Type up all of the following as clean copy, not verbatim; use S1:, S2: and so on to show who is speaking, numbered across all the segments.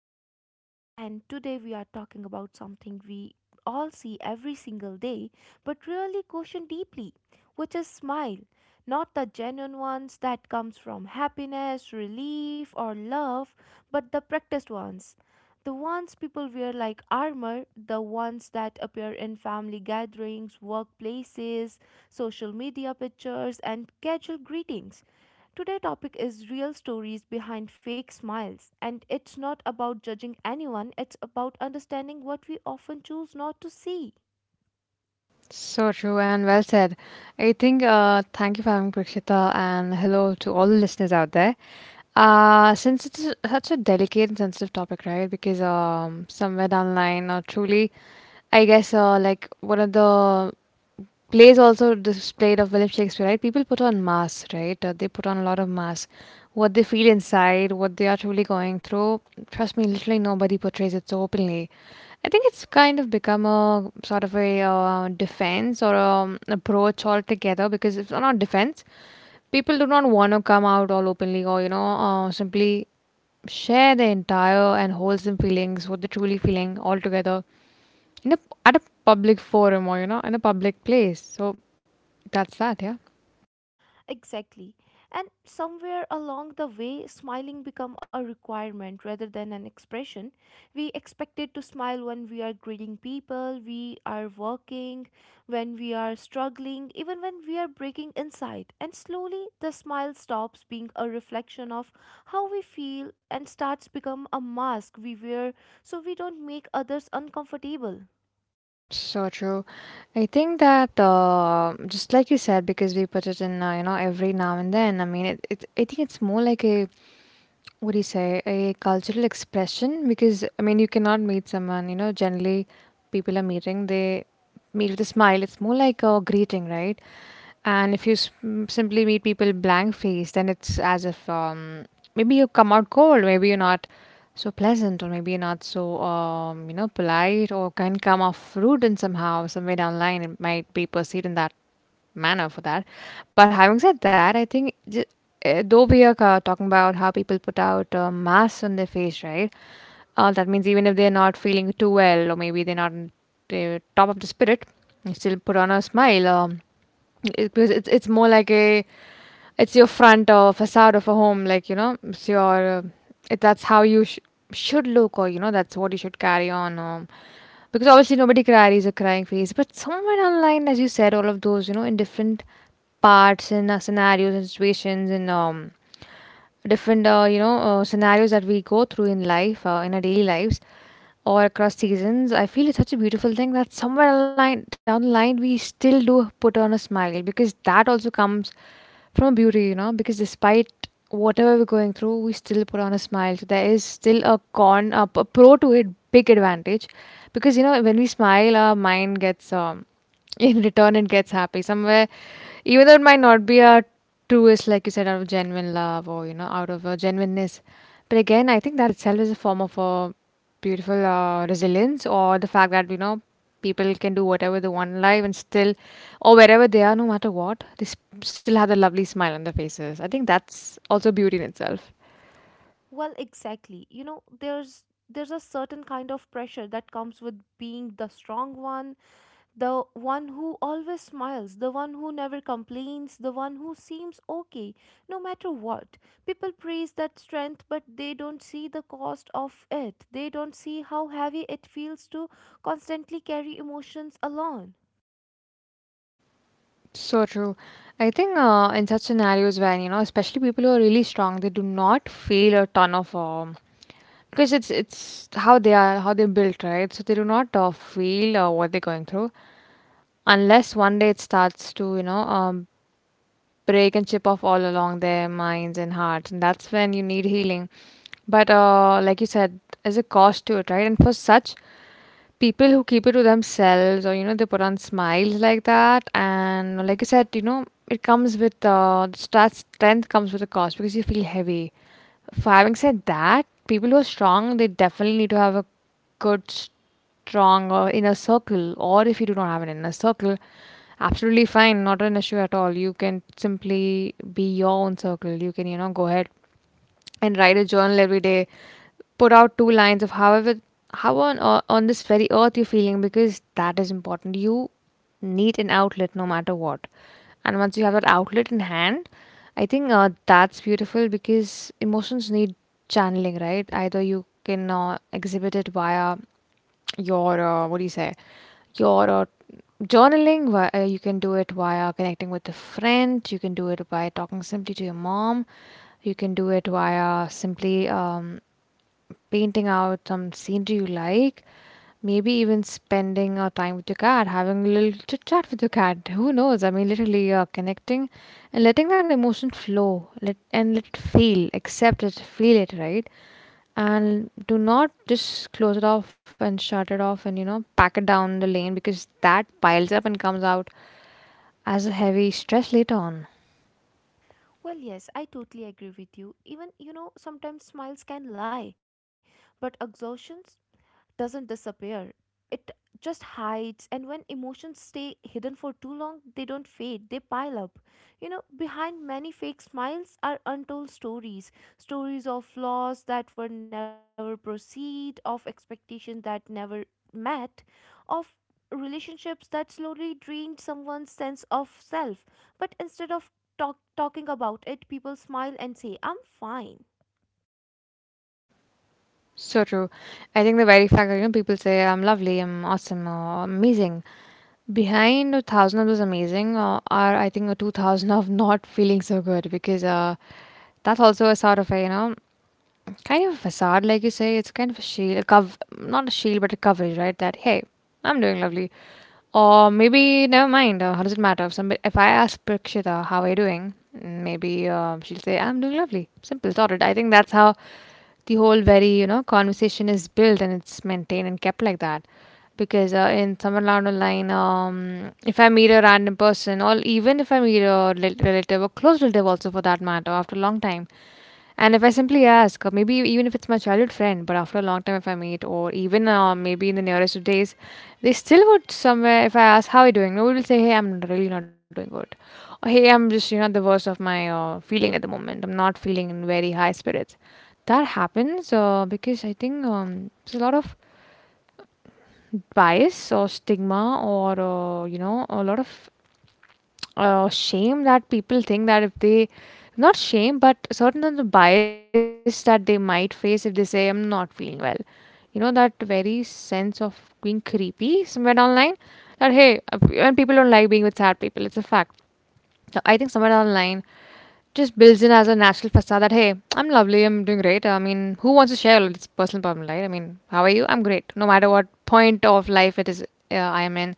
S1: am Prakshita, and today we are talking about something we all see every single day but really question deeply, which is smile. Not the genuine ones that comes from happiness, relief or love, but the practiced ones. The ones people wear like armor, the ones that appear in family gatherings, workplaces, social media pictures and casual greetings. Today topic is real stories behind fake smiles, and it's not about judging anyone. It's about understanding what we often choose not to see.
S2: So true and well said. I think thank you for having Prakshita, and hello to all the listeners out there. Since it's such a delicate and sensitive topic, right? Because somewhere down the line, or truly, like one of the plays also displayed of William Shakespeare, right? People put on masks, right? They put on a lot of masks. What they feel inside, what they are truly going through, trust me, literally nobody portrays it so openly. I think it's kind of become a sort of a defense or approach altogether, because it's not defense. People do not want to come out all openly or, you know, simply share their entire and wholesome feelings, what they're truly feeling all together in a, at a public forum or, you know, in a public place. So that's that, yeah.
S1: Exactly. And somewhere along the way, smiling become a requirement rather than an expression. We expected to smile when we are greeting people, we are working, when we are struggling, even when we are breaking inside. And slowly the smile stops being a reflection of how we feel and starts become a mask we wear so we don't make others uncomfortable.
S2: So true. I think that just like you said, because we put it in, you know, every now and then. I mean, it, it. I think it's more like a, what do you say, a cultural expression. Because I mean, you cannot meet someone. You know, generally, people are meeting. They meet with a smile. It's more like a greeting, right? And if you simply meet people blank faced, then it's as if maybe you come out cold, maybe you're not so pleasant, or maybe you're not so you know, polite, or can come off rude in somehow somewhere down the line. It might be perceived in that manner for that. But having said that, I think though we are talking about how people put out masks on their face, right? That means, even if they're not feeling too well, or maybe they're not in the top of the spirit, they still put on a smile. Because it's more like a, it's your front or facade of a home, like, you know, it's your that's how you should look, or you know, that's what you should carry on. Um, because obviously nobody carries a crying face, but somewhere online, as you said, all of those, you know, in different parts and scenarios and situations, and different you know, scenarios that we go through in life, in our daily lives or across seasons, I feel it's such a beautiful thing that somewhere along down the line we still do put on a smile, because that also comes from beauty, you know, because despite whatever we're going through we still put on a smile. So there is still a pro to it, big advantage, because you know, when we smile, our mind gets in return, it gets happy somewhere, even though it might not be a truest, like you said, out of genuine love, or you know, out of a genuineness. But again, I think that itself is a form of a beautiful resilience, or the fact that you know, people can do whatever they want in life and still, or wherever they are, no matter what, they still have the lovely smile on their faces. I think that's also beauty in itself.
S1: Well, exactly. You know, there's a certain kind of pressure that comes with being the strong one, the one who always smiles, the one who never complains, the one who seems okay no matter what. People praise that strength, but they don't see the cost of it. They don't see how heavy it feels to constantly carry emotions alone.
S2: So true. I think in such scenarios, when, you know, especially people who are really strong, they do not feel a ton of because it's how they are, how they're built, right? So they do not feel what they're going through, unless one day it starts to, you know, break and chip off all along their minds and hearts, and that's when you need healing. But like you said, there's a cost to it, right? And for such people who keep it to themselves, or you know, they put on smiles like that, and like you said, you know, it comes with that strength comes with a cost, because you feel heavy for. Having said that, people who are strong, they definitely need to have a good, strong inner circle. Or if you do not have an inner circle, absolutely fine, not an issue at all. You can simply be your own circle. You can, you know, go ahead and write a journal every day, put out two lines of however how on this very earth you're feeling, because that is important. You need an outlet, no matter what. And once you have that outlet in hand, I think that's beautiful, because emotions need channeling, right? Either you can exhibit it via your what do you say, your journaling, you can do it via connecting with a friend, you can do it by talking simply to your mom, you can do it via simply painting out some scenery you like, maybe even spending a time with your cat, having a little chit chat with your cat. Who knows? I mean, literally connecting and letting that emotion flow, and let it feel, accept it, feel it, right? And do not just close it off and shut it off and, you know, pack it down the lane, because that piles up and comes out as a heavy stress later on.
S1: Well, yes, I totally agree with you. Even, you know, sometimes smiles can lie, but exhaustion doesn't disappear. It just hides, and when emotions stay hidden for too long, they don't fade, they pile up. You know, behind many fake smiles are untold stories, stories of flaws that were never perceived, of expectations that never met, of relationships that slowly drained someone's sense of self. But instead of talking about it, people smile and say, I'm fine.
S2: So true. I think the very fact that, you know, people say I'm lovely, I'm awesome, or amazing, behind a thousand of those amazing are, I think, a 2000 of not feeling so good, because that's also a sort of a, you know, kind of a facade, like you say, it's kind of a shield, a cov not a shield, but a coverage, right? That hey, I'm doing lovely, or maybe never mind. How does it matter, if somebody, if I ask Prakshita how are you doing, mm, maybe she'll say I'm doing lovely. Simple, sorted. I think that's how the whole very, you know, conversation is built, and it's maintained and kept like that, because in someone along the line, if I meet a random person, or even if I meet a relative or close relative also, for that matter, after a long time, and if I simply ask, or maybe even if it's my childhood friend, but after a long time if I meet, or even maybe in the nearest of days, they still would somewhere, if I ask, how are you doing? Nobody will say, hey, I'm really not doing good. Or hey, I'm just, you know, the worst of my feeling at the moment. I'm not feeling in very high spirits. That happens because I think there's a lot of bias or stigma, or you know, a lot of shame that people think that if they, not shame, but certain of the bias that they might face if they say I'm not feeling well, you know, that very sense of being creepy somewhere online, that hey and people don't like being with sad people. It's a fact. So I think somewhere online just builds in as a natural facade that, hey, I'm lovely, I'm doing great. I mean, who wants to share all its personal problem, right? I mean, how are you? I'm great. No matter what point of life it is, I am in,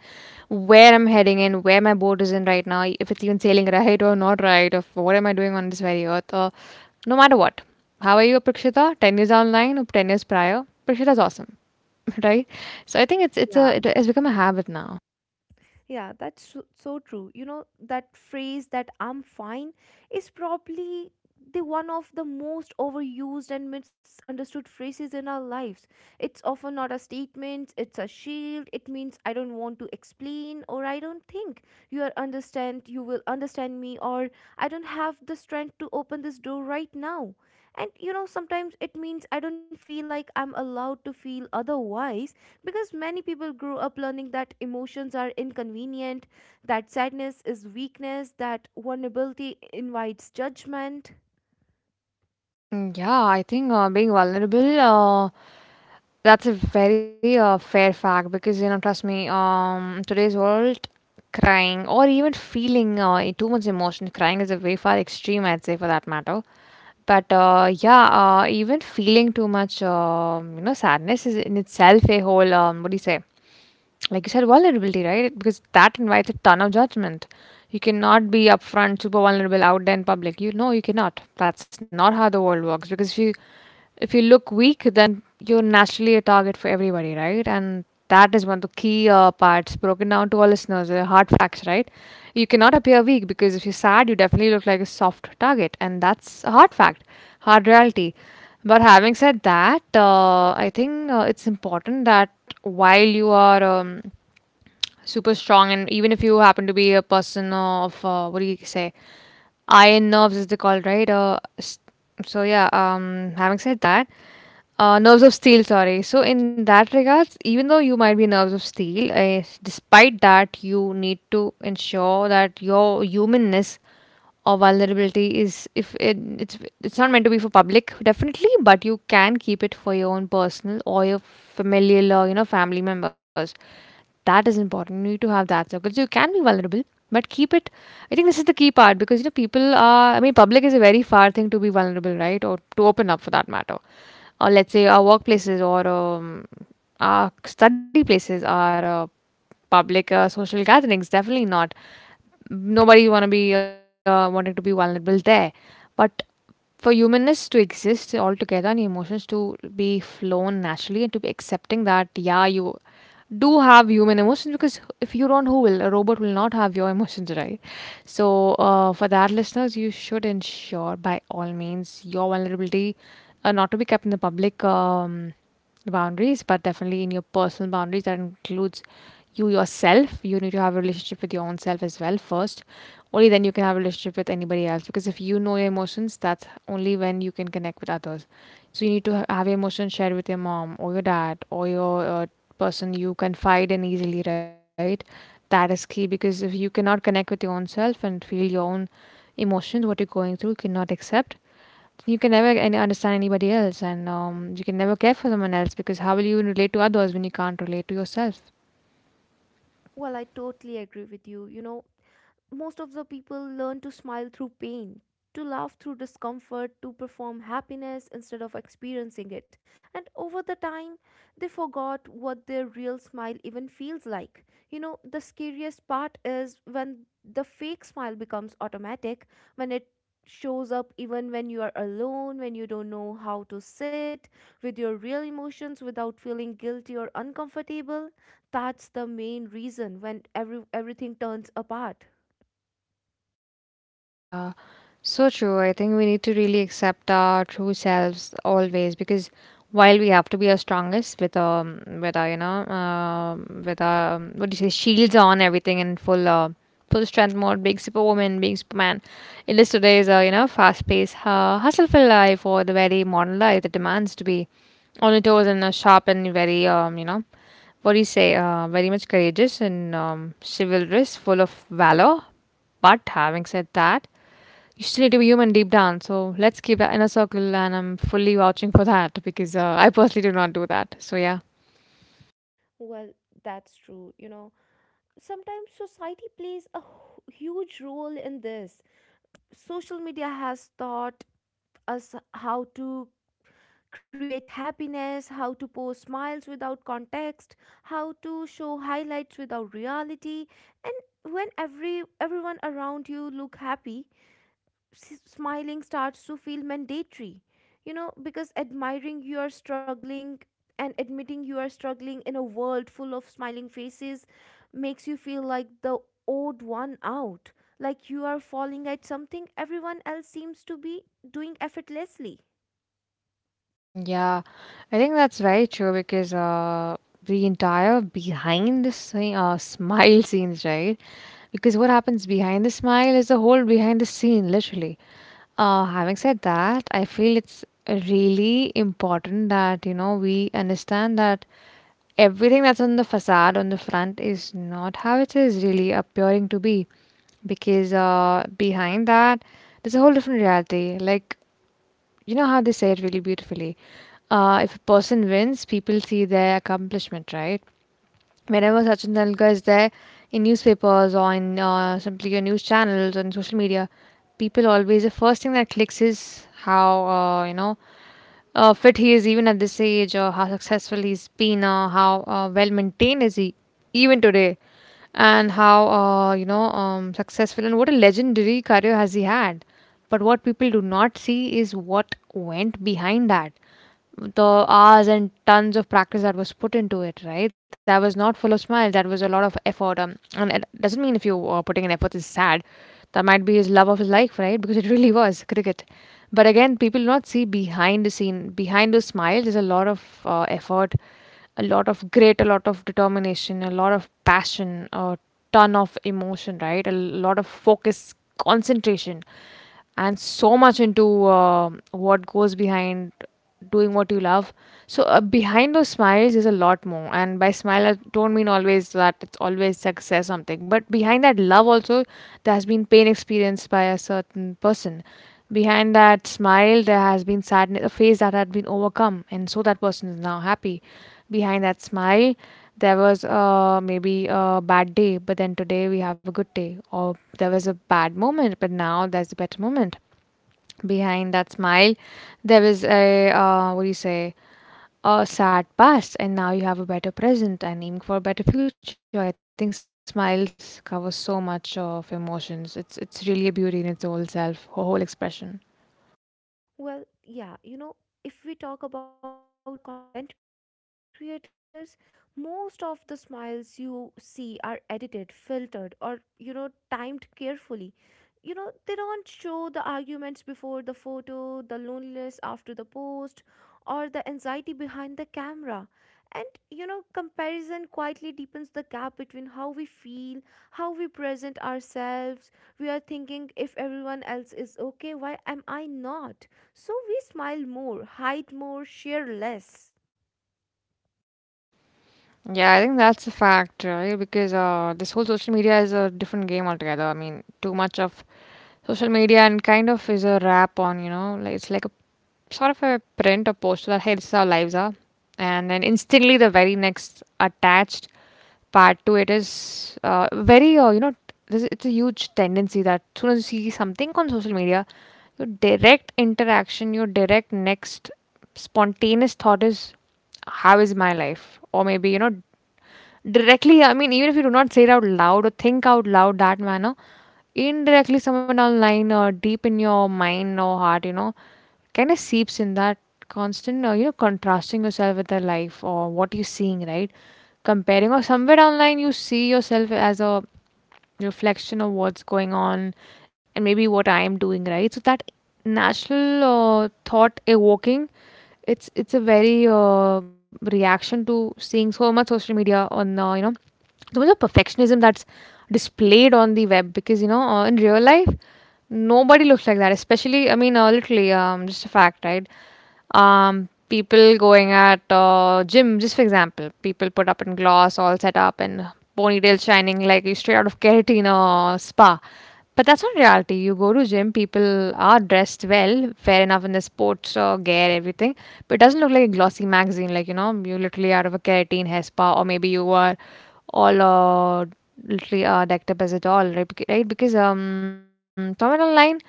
S2: where I'm heading in, where my boat is in right now, if it's even sailing right or not right, or what am I doing on this very earth, or no matter what. How are you, Prakshita? 10 years online or 10 years prior? Prakshita's awesome, right? So I think it has become a habit now.
S1: Yeah, that's so, so true. You know, that phrase that I'm fine is probably the one of the most overused and misunderstood phrases in our lives. It's often not a statement, it's a shield. It means I don't want to explain, or I don't think you will understand me, or I don't have the strength to open this door right now. And you know, sometimes it means I don't feel like I'm allowed to feel otherwise because many people grew up learning that emotions are inconvenient, that sadness is weakness, that vulnerability invites judgment.
S2: Mm, yeah, I think being vulnerable that's a very fair fact, because you know, trust me, today's world, crying, or even feeling too much emotion, crying is a very far extreme, I'd say, for that matter. But yeah, even feeling too much, you know, sadness is in itself a whole, what do you say? Like you said, vulnerability, right? Because that invites a ton of judgment. You cannot be upfront, super vulnerable out there in public. You know, you cannot. That's not how the world works. Because if you look weak, then you're naturally a target for everybody, right? And that is one of the key parts broken down to our listeners, the hard facts, right? You cannot appear weak, because if you're sad, you definitely look like a soft target, and that's a hard fact, hard reality. But having said that, I think it's important that while you are super strong, and even if you happen to be a person of what do you say, iron nerves is the call, right? Having said that. Nerves of steel, sorry. So in that regards, even though you might be nerves of steel, despite that, you need to ensure that your humanness or vulnerability is, if it, it's not meant to be for public, definitely, but you can keep it for your own personal or your familial or family members. That is important. You need to have that circle. So you can be vulnerable, but keep it. I think this is the key part, because people are. I mean, public is a very far thing to be vulnerable, right? Or to open up, for that matter. Or let's say our workplaces, or our study places, our public, social gatherings. Definitely not. Nobody want to be wanting to be vulnerable there, but for humanness to exist altogether and emotions to be flown naturally, and to be accepting that, yeah, you do have human emotions. Because if you don't, who will? A robot will not have your emotions, right? So for that, listeners, you should ensure by all means your vulnerability not to be kept in the public boundaries, but definitely in your personal boundaries. That includes you yourself. You need to have a relationship with your own self as well first. Only then you can have a relationship with anybody else, because if you know your emotions, that's only when you can connect with others. So you need to have your emotions shared with your mom, or your dad, or your person you confide in easily, right? That is key, because if you cannot connect with your own self and feel your own emotions, what you're going through, you cannot accept. You can never understand anybody else, and you can never care for someone else, because how will you relate to others when you can't relate to yourself?
S1: Well, I totally agree with you. You know, most of the people learn to smile through pain, to laugh through discomfort, to perform happiness instead of experiencing it. And over the time, they forgot what their real smile even feels like. You know, the scariest part is when the fake smile becomes automatic, when it shows up even when you are alone, when you don't know how to sit with your real emotions without feeling guilty or uncomfortable. That's the main reason when everything turns apart.
S2: Yeah, so true. I think we need to really accept our true selves always, because while we have to be our strongest with our what do you say shields on, everything in full strength mode, being superwoman, being superman. It is today's fast paced, hustle filled life, or the very modern life, that demands to be on your toes and sharp, and very you know what do you say very much courageous, and chivalrous, full of valor. But having said that, you still need to be human deep down. So let's keep that in a circle, and I'm fully vouching for that, because I personally do not do that. So yeah.
S1: Well, that's true. You know, sometimes society plays a huge role in this. Social media has taught us how to create happiness, how to post smiles without context, how to show highlights without reality, and when everyone around you look happy, smiling starts to feel mandatory, you know, because admiring you are struggling and admitting you are struggling in a world full of smiling faces makes you feel like the odd one out, like you are falling at something everyone else seems to be doing effortlessly.
S2: Mm, yeah, I think that's very true, because the entire behind the scene, smile scenes, right? Because what happens behind the smile is the whole behind the scene, literally. Having said that, I feel it's really important that, we understand that everything that's on the facade, on the front, is not how it is really appearing to be, because behind that, there's a whole different reality. Like, how they say it really beautifully, if a person wins, people see their accomplishment, right? Whenever Sachin Tendulkar is there in newspapers, or in simply your news channels on social media, people always, the first thing that clicks is how fit he is even at this age, or how successful he's been, or how well maintained is he even today, and how successful, and what a legendary career has he had. But what people do not see is what went behind that: the hours and tons of practice that was put into it, right? That was not full of smiles. That was a lot of effort. And it doesn't mean if you are putting in effort is sad. That might be his love of his life, right? Because it really was cricket. But again, people do not see behind the scene. Behind the smile, there's a lot of effort, a lot of grit, a lot of determination, a lot of passion, a ton of emotion, right? A lot of focus, concentration, and so much into what goes behind doing what you love. So behind those smiles is a lot more. And by smile, I don't mean always that it's always success something, but behind that love also, there has been pain experienced by a certain person. Behind that smile, there has been sadness, a phase that had been overcome, and so that person is now happy. Behind that smile, there was maybe a bad day, but then today we have a good day. Or there was a bad moment, but now there's a better moment. Behind that smile, there was a what do you say? A sad past, and now you have a better present, and aiming for a better future. I think smiles cover so much of emotions. It's really a beauty in its whole self, her whole expression.
S1: Well, yeah, you know, if we talk about the content creators, most of the smiles you see are edited, filtered, or, you know, timed carefully. You know, they don't show the arguments before the photo, the loneliness after the post, or the anxiety behind the camera. And, you know, comparison quietly deepens the gap between how we feel, how we present ourselves. We are thinking, if everyone else is okay, why am I not? So we smile more, hide more, share less.
S2: Yeah, I think that's a fact, right? Because this whole social media is a different game altogether. I mean, too much of social media, and kind of is a wrap on, like, it's like a sort of a print or poster that, hey, this is how lives are. And then instantly, the very next attached part to it is very, this it's a huge tendency that, soon as you see something on social media, your direct interaction, your direct next spontaneous thought is, how is my life, or maybe. Directly, I mean, even if you do not say it out loud or think out loud that manner, indirectly, somewhere down the line, or deep in your mind or heart, kind of seeps in, that constant, contrasting yourself with the life or what you're seeing, right? Comparing, or somewhere down the line you see yourself as a reflection of what's going on, and maybe what I am doing, right? So that natural thought evoking, it's a very reaction to seeing so much social media, on so much of perfectionism that's displayed on the web, because in real life nobody looks like that. Especially, I mean, literally, just a fact, right? People going at gym, just for example, people put up in gloss, all set up, and ponytail shining like you straight out of keratin or spa. But that's not reality. You go to gym, people are dressed well, fair enough, in the sports gear, everything, but it doesn't look like a glossy magazine, like, you literally out of a keratin hair spa, or maybe you are all literally decked up as a doll, right? Because somewhere online,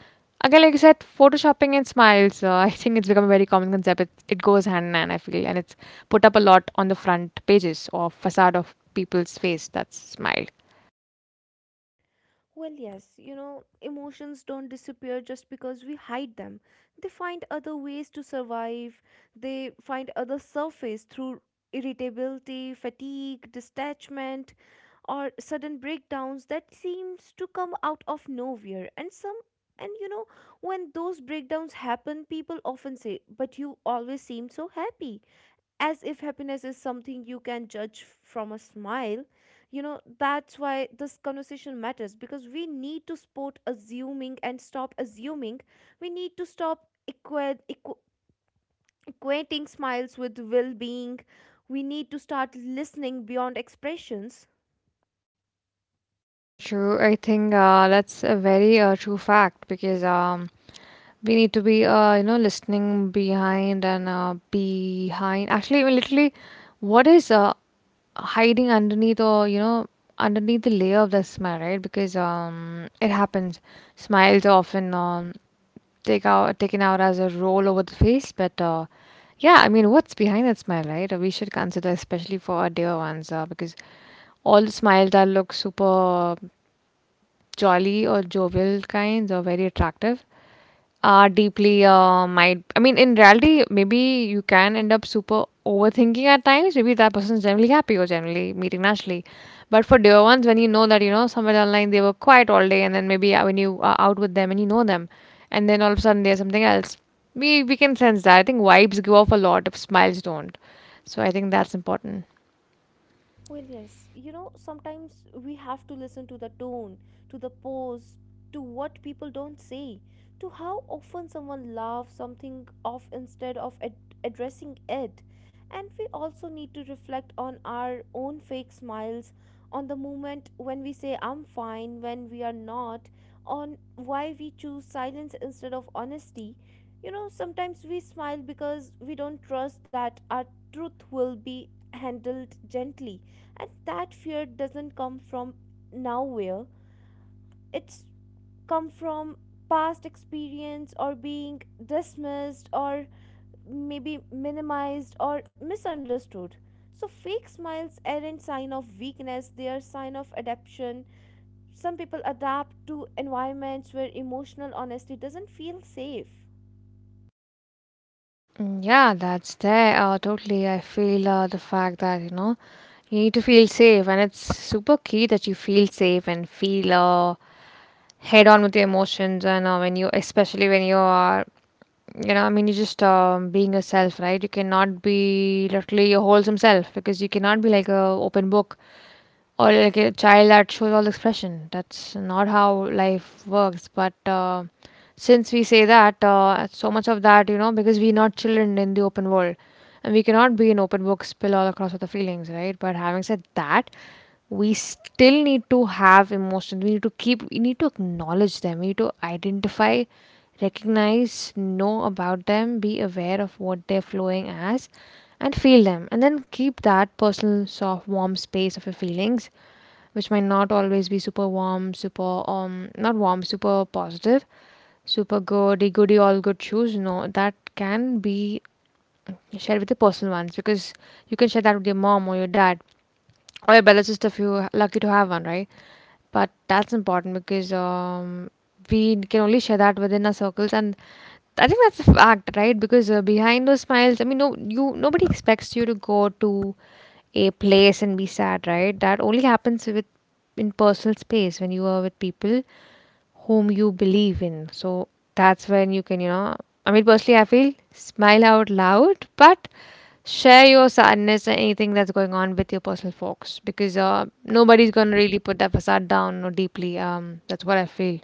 S2: again, like you said, photoshopping and smiles, I think it's become a very common concept. It goes hand in hand, I feel, and it's put up a lot on the front pages or facade of people's face that's smiled.
S1: Well, yes, you know, emotions don't disappear just because we hide them. They find other ways to survive, they find other surface through irritability, fatigue, detachment, or sudden breakdowns that seems to come out of nowhere. And some, and you know, when those breakdowns happen, people often say, But you always seem so happy, as if happiness is something you can judge from a smile. You know, that's why this conversation matters, because we need to spot assuming and stop assuming. We need to stop equating smiles with well-being. We need to start listening beyond expressions.
S2: So true. I think that's a very true fact, because we need to be, listening behind, and behind. Actually, even literally, what is hiding underneath or, you know, underneath the layer of the smile, right? Because it happens. Smiles are often taken out as a roll over the face, but yeah, I mean, what's behind that smile, right? We should consider, especially for our dear ones, because all the smiles that look super jolly, or jovial kinds, or very attractive, are deeply might, I mean, in reality maybe you can end up super overthinking at times. Maybe that person is generally happy, or generally meeting naturally, but for dear ones, when you know that, somewhere online they were quiet all day, and then maybe when you are out with them and you know them, and then all of a sudden there's something else, we can sense that. I think vibes give off a lot if smiles don't. So I think that's important.
S1: Well, yes, you know, sometimes we have to listen to the tone, to the pose, to what people don't say, to how often someone laughs something off instead of addressing it. And we also need to reflect on our own fake smiles, on the moment when we say I'm fine, when we are not, on why we choose silence instead of honesty. You know, sometimes we smile because we don't trust that our truth will be handled gently, and that fear doesn't come from nowhere. It's come from past experience, or being dismissed, or maybe minimized or misunderstood. So fake smiles aren't sign of weakness, they are sign of adaptation. Some people adapt to environments where emotional honesty doesn't feel safe.
S2: Mm, yeah, that's there, totally, I feel. The fact that, you need to feel safe, and it's super key that you feel safe, and feel head on with your emotions. And when especially when you are, I mean, you just being yourself, right? You cannot be literally your wholesome self, because you cannot be like a open book, or like a child that shows all expression. That's not how life works. But since we say that, so much of that, because we're not children in the open world, and we cannot be an open book, spill all across with the feelings, right? But having said that, we still need to have emotions. We need to keep. We need to acknowledge them. We need to identify recognize, know about them, be aware of what they're flowing as, and feel them. And then keep that personal, soft, warm space of your feelings, which might not always be super warm, super, not warm, super positive, super goody, goody, all good shoes. No, that can be shared with the personal ones because you can share that with your mom or your dad, or your brother's sister if you're lucky to have one, right? But that's important because we can only share that within our circles, and I think that's a fact, right? Because behind those smiles, I mean, no, you nobody expects you to go to a place and be sad, right? That only happens with in personal space when you are with people whom you believe in. So that's when you can. I mean, personally, I feel smile out loud, but share your sadness and anything that's going on with your personal folks because nobody's gonna really put that facade down or deeply. That's what I feel.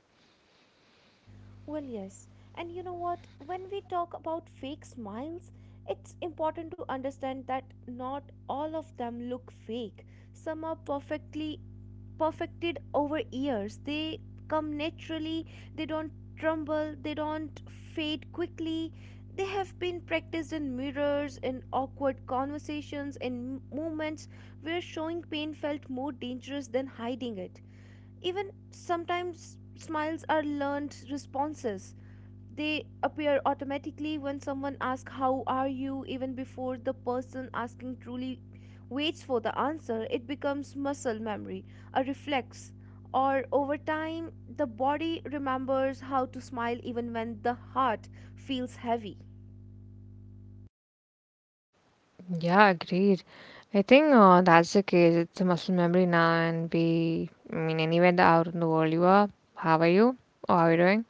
S1: Well, yes. And you know what? When we talk about fake smiles, it's important to understand that not all of them look fake. Some are perfectly perfected over years. They come naturally, they don't tremble, they don't fade quickly. They have been practiced in mirrors, in awkward conversations, in moments where showing pain felt more dangerous than hiding it. Even sometimes smiles are learned responses. They appear automatically when someone asks how are you, even before the person asking truly waits for the answer. It becomes muscle memory, a reflex, or over time the body remembers how to smile even when the heart feels heavy.
S2: Yeah, agreed. I think that's the case. It's a muscle memory now, and be I mean anywhere the out in the world you are. How are you? Oh, how are you doing?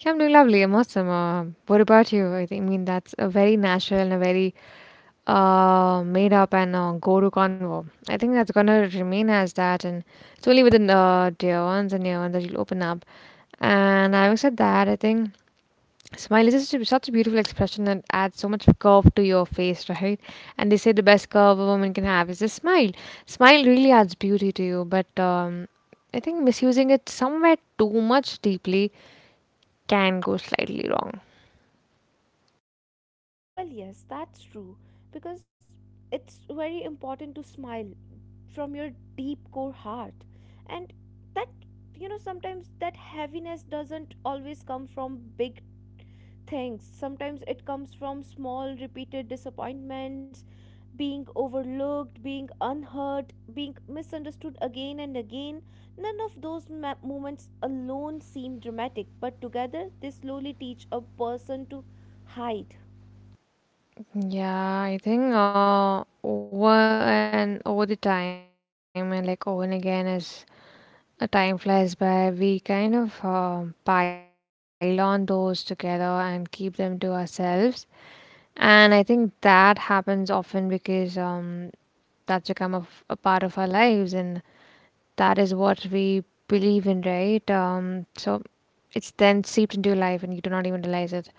S2: Yeah, I'm doing lovely. I'm awesome. What about you? I think I mean that's a very natural and a very made up and go to convo. I think that's gonna remain as that, and it's only with the dear ones and near ones that you'll open up. And having said that, I think smile is such a, such a beautiful expression that adds so much curve to your face, right? And they say the best curve a woman can have is a smile. Smile really adds beauty to you, but I think misusing it somewhere too much deeply can go slightly wrong.
S1: Well, yes, that's true, because it's very important to smile from your deep core heart. And that, you know, sometimes that heaviness doesn't always come from big things. Sometimes it comes from small, repeated disappointments, being overlooked, being unheard, being misunderstood again and again. None of those moments alone seem dramatic, but together they slowly teach a person to hide.
S2: Yeah, I think over and over the time and like over and again as a time flies by, we kind of pile on those together and keep them to ourselves. And I think that happens often because that's become a, a part of our lives, and that is what we believe in, right? So it's then seeped into your life, and you do not even realize it.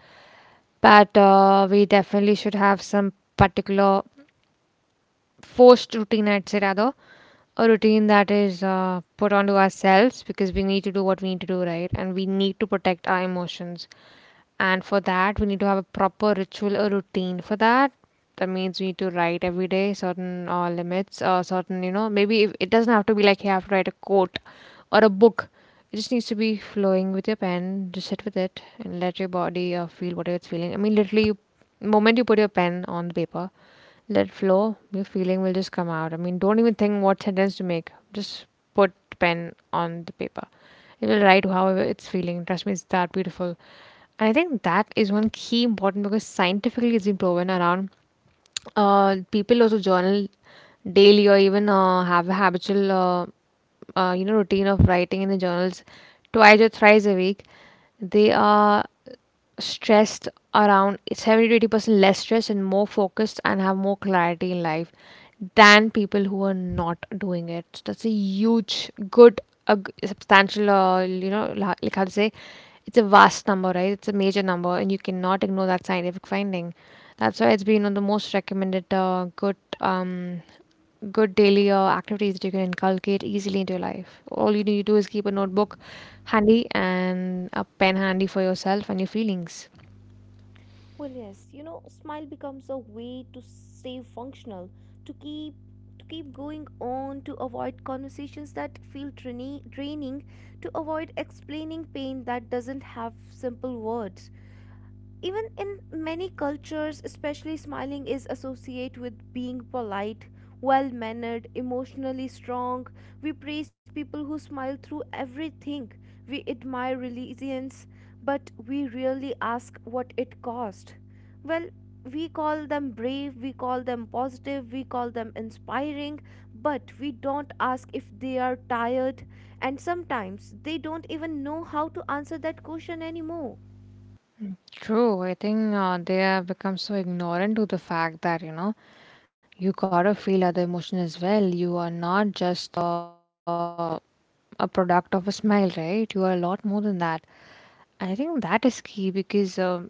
S2: But we definitely should have some particular forced routine, I'd say, rather, a routine that is put onto ourselves because we need to do what we need to do, right? And we need to protect our emotions. And for that, we need to have a proper ritual or routine for that. That means we need to write every day certain limits or certain, you know, maybe if, it doesn't have to be like you have to write a quote or a book. It just needs to be flowing with your pen. Just sit with it and let your body feel whatever it's feeling. I mean, literally, you, moment you put your pen on the paper, let it flow. Your feeling will just come out. I mean, don't even think what sentence to make, just put pen on the paper. It will write however it's feeling. Trust me, it's that beautiful. And I think that is one key important because scientifically it's been proven around people also journal daily or even have a habitual you know routine of writing in the journals twice or thrice a week, they are stressed around 70-80% less stressed and more focused and have more clarity in life than people who are not doing it. So that's a huge, good, substantial, you know, like how to say, it's a vast number, right? It's a major number, and you cannot ignore that scientific finding. That's why it's been one of the most recommended good good daily activities that you can inculcate easily into your life. All you need to do is keep a notebook handy and a pen handy for yourself and your feelings.
S1: Well, yes, you know, smile becomes a way to stay functional, to keep to keep going on, to avoid conversations that feel draining, to avoid explaining pain that doesn't have simple words. Even in many cultures especially, smiling is associated with being polite, well mannered, emotionally strong. We praise people who smile through everything. We admire resilience, but we rarely ask what it cost. Well, we call them brave, we call them positive, we call them inspiring, but we don't ask if they are tired, and sometimes they don't even know how to answer that question anymore.
S2: True. I think they have become so ignorant to the fact that, you know, you gotta feel other emotion as well. You are not just uh, a product of a smile, right? You are a lot more than that. I think that is key because,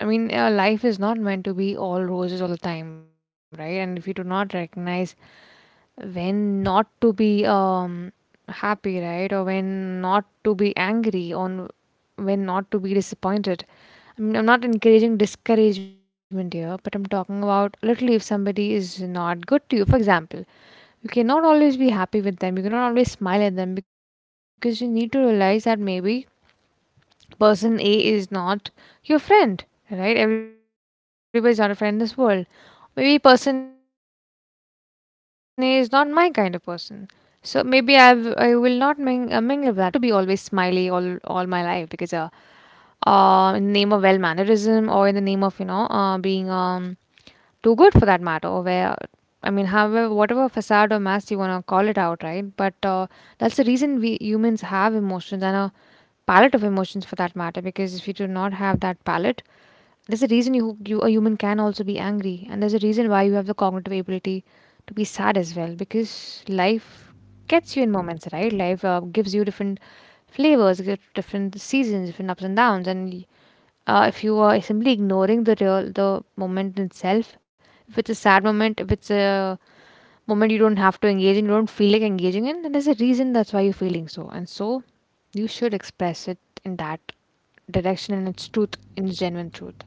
S2: I mean, life is not meant to be all roses all the time, right? And if you do not recognize when not to be happy, right? Or when not to be angry, on when not to be disappointed. I mean, I'm not encouraging discouragement here, but I'm talking about literally if somebody is not good to you, for example, you cannot always be happy with them, you cannot always smile at them because you need to realize that maybe person A is not your friend, right? Everybody's not a friend in this world. Maybe person A is not my kind of person. So maybe I will not mingle with that person. I will not hang out much with that person. Just for example. So then I don't have to be always smiley all my life because in the name of well mannerism or in the name of you know being too good for that matter or where I mean however whatever facade or mask you wanna call it out right but that's the reason we humans have emotions and palette of emotions for that matter because if you do not have that palette there's a reason you a human can also be angry and there's a reason why you have the cognitive ability to be sad as well because life gets you in moments right life gives you different flavors gives different seasons different ups and downs and if you are simply ignoring the moment itself if it's a sad moment if it's a moment you don't have to engage in, you don't feel like engaging in, then there's a reason that's why you're feeling so. And so you should express it in that direction and its truth, in its genuine truth.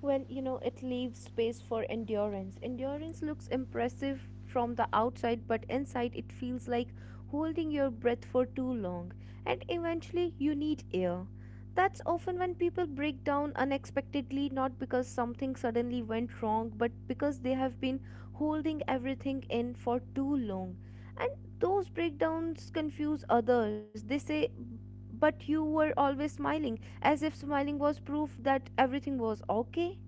S1: Well, you know, it leaves space for endurance. Endurance looks impressive from the outside, but inside it feels like holding your breath for too long, and eventually you need air. That's often when people break down unexpectedly, not because something suddenly went wrong, but because they have been holding everything in for too long. And those breakdowns confuse others. They say, But you were always smiling, as if smiling was proof that everything was okay.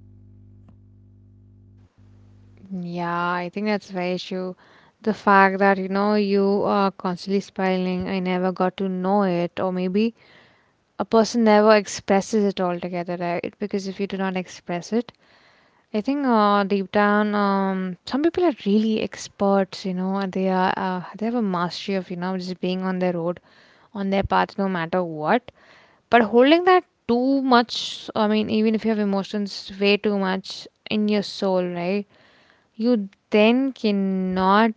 S2: Yeah, I think that's very issue. The fact that, you know, you are constantly spiraling, I never got to know it, or maybe a person never expresses it altogether, right? Because if you do not express it, I think deep down, some people are really experts, you know, and they have a mastery of, you know, just being on their own. On their path no matter what. But holding that too much, I mean, even if you have emotions way too much in your soul, right? You then cannot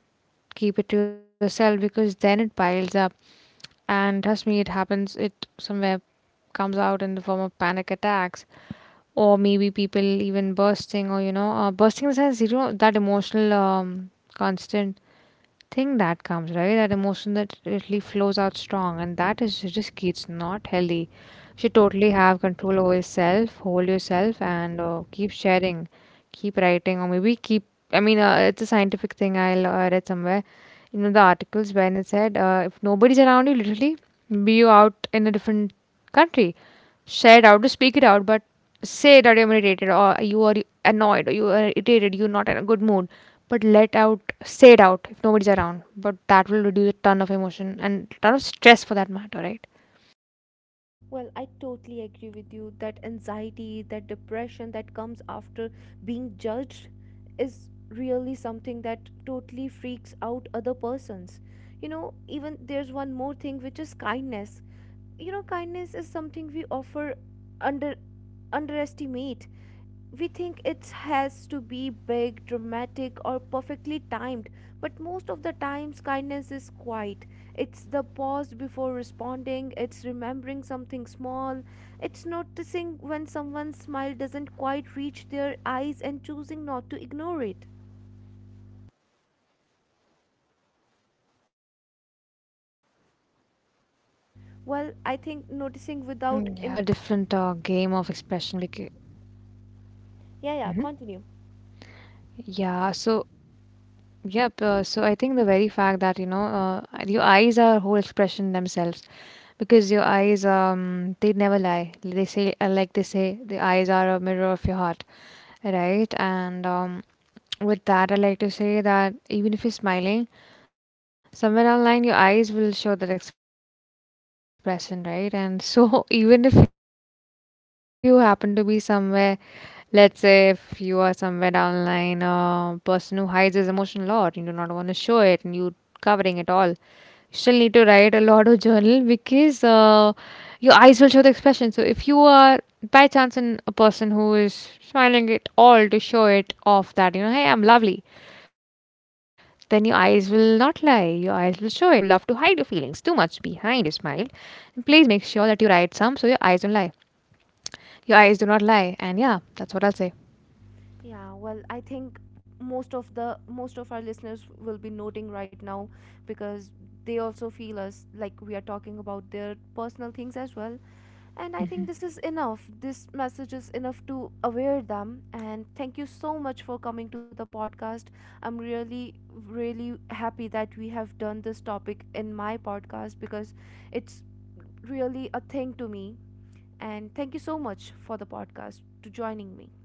S2: keep it to yourself because then it piles up. And trust me, it happens, it somewhere comes out in the form of panic attacks or maybe people even bursting or you know bursting in the sense you know that emotional constant thing that comes, right? That emotion that really flows out strong, and that is risky. It's not healthy. You should totally have control over yourself, hold yourself, and keep sharing, keep writing, or maybe keep. I mean, it's a scientific thing. I read somewhere, you know, the articles where it said if nobody's around you, literally, be you out in a different country, share it out, to speak it out, but say that you're irritated or you are annoyed or you are irritated, you're not in a good mood but let out say it out if nobody's around but that will reduce a ton of emotion and ton of stress for that matter right.
S1: Well, I totally agree with you that anxiety, that depression that comes after being judged is really something that totally freaks out other persons. You know, even there's one more thing which is kindness. You know, kindness is something we offer under underestimate. We think it has to be big, dramatic, or perfectly timed, but most of the times kindness is quiet. It's the pause before responding, it's remembering something small, it's noticing when someone's smile doesn't quite reach their eyes and choosing not to ignore it.
S2: Yeah, true. I think the whole
S1: Well, I
S2: eyes
S1: think noticing
S2: are a
S1: without
S2: different
S1: in.
S2: game of expression because
S1: Yeah, yeah, continue.
S2: mhm. Yeah, so yep, so I think the very fact that you know your eyes are whole expression themselves because your eyes they never lie. They say like they say the eyes are a mirror of your heart. Right, and with that, I like to say that even if you're smiling, somewhere online your eyes will show that expression, right? And so, even if you happen to be somewhere, let's say if you are somewhere online, a person who hides his emotion a lot, you do not want to show it, and you covering it all, you still need to write a lot of journal because your eyes will show the expression. So, if you are by chance in a person who is smiling it all to show it off that you know, hey, I'm lovely, then your eyes will not lie. Your eyes will show it. So beware, folks. Listeners out there, if you are one of those who love to hide your feelings too much behind a smile, then please make sure that you write some so your eyes don't lie.
S1: Yeah, well, I
S2: Your
S1: think
S2: eyes do not lie. And yeah,
S1: most
S2: that's
S1: of
S2: what
S1: our
S2: I'll say.
S1: listeners will be noting right now, because they also feel us like we are talking about their personal things as well. And I think this is enough. This message is enough to aware them. And thank you so much for coming to the podcast. I'm really, really happy that we have done this topic in my podcast, because it's really a thing to me. And thank you so much for the podcast to joining me.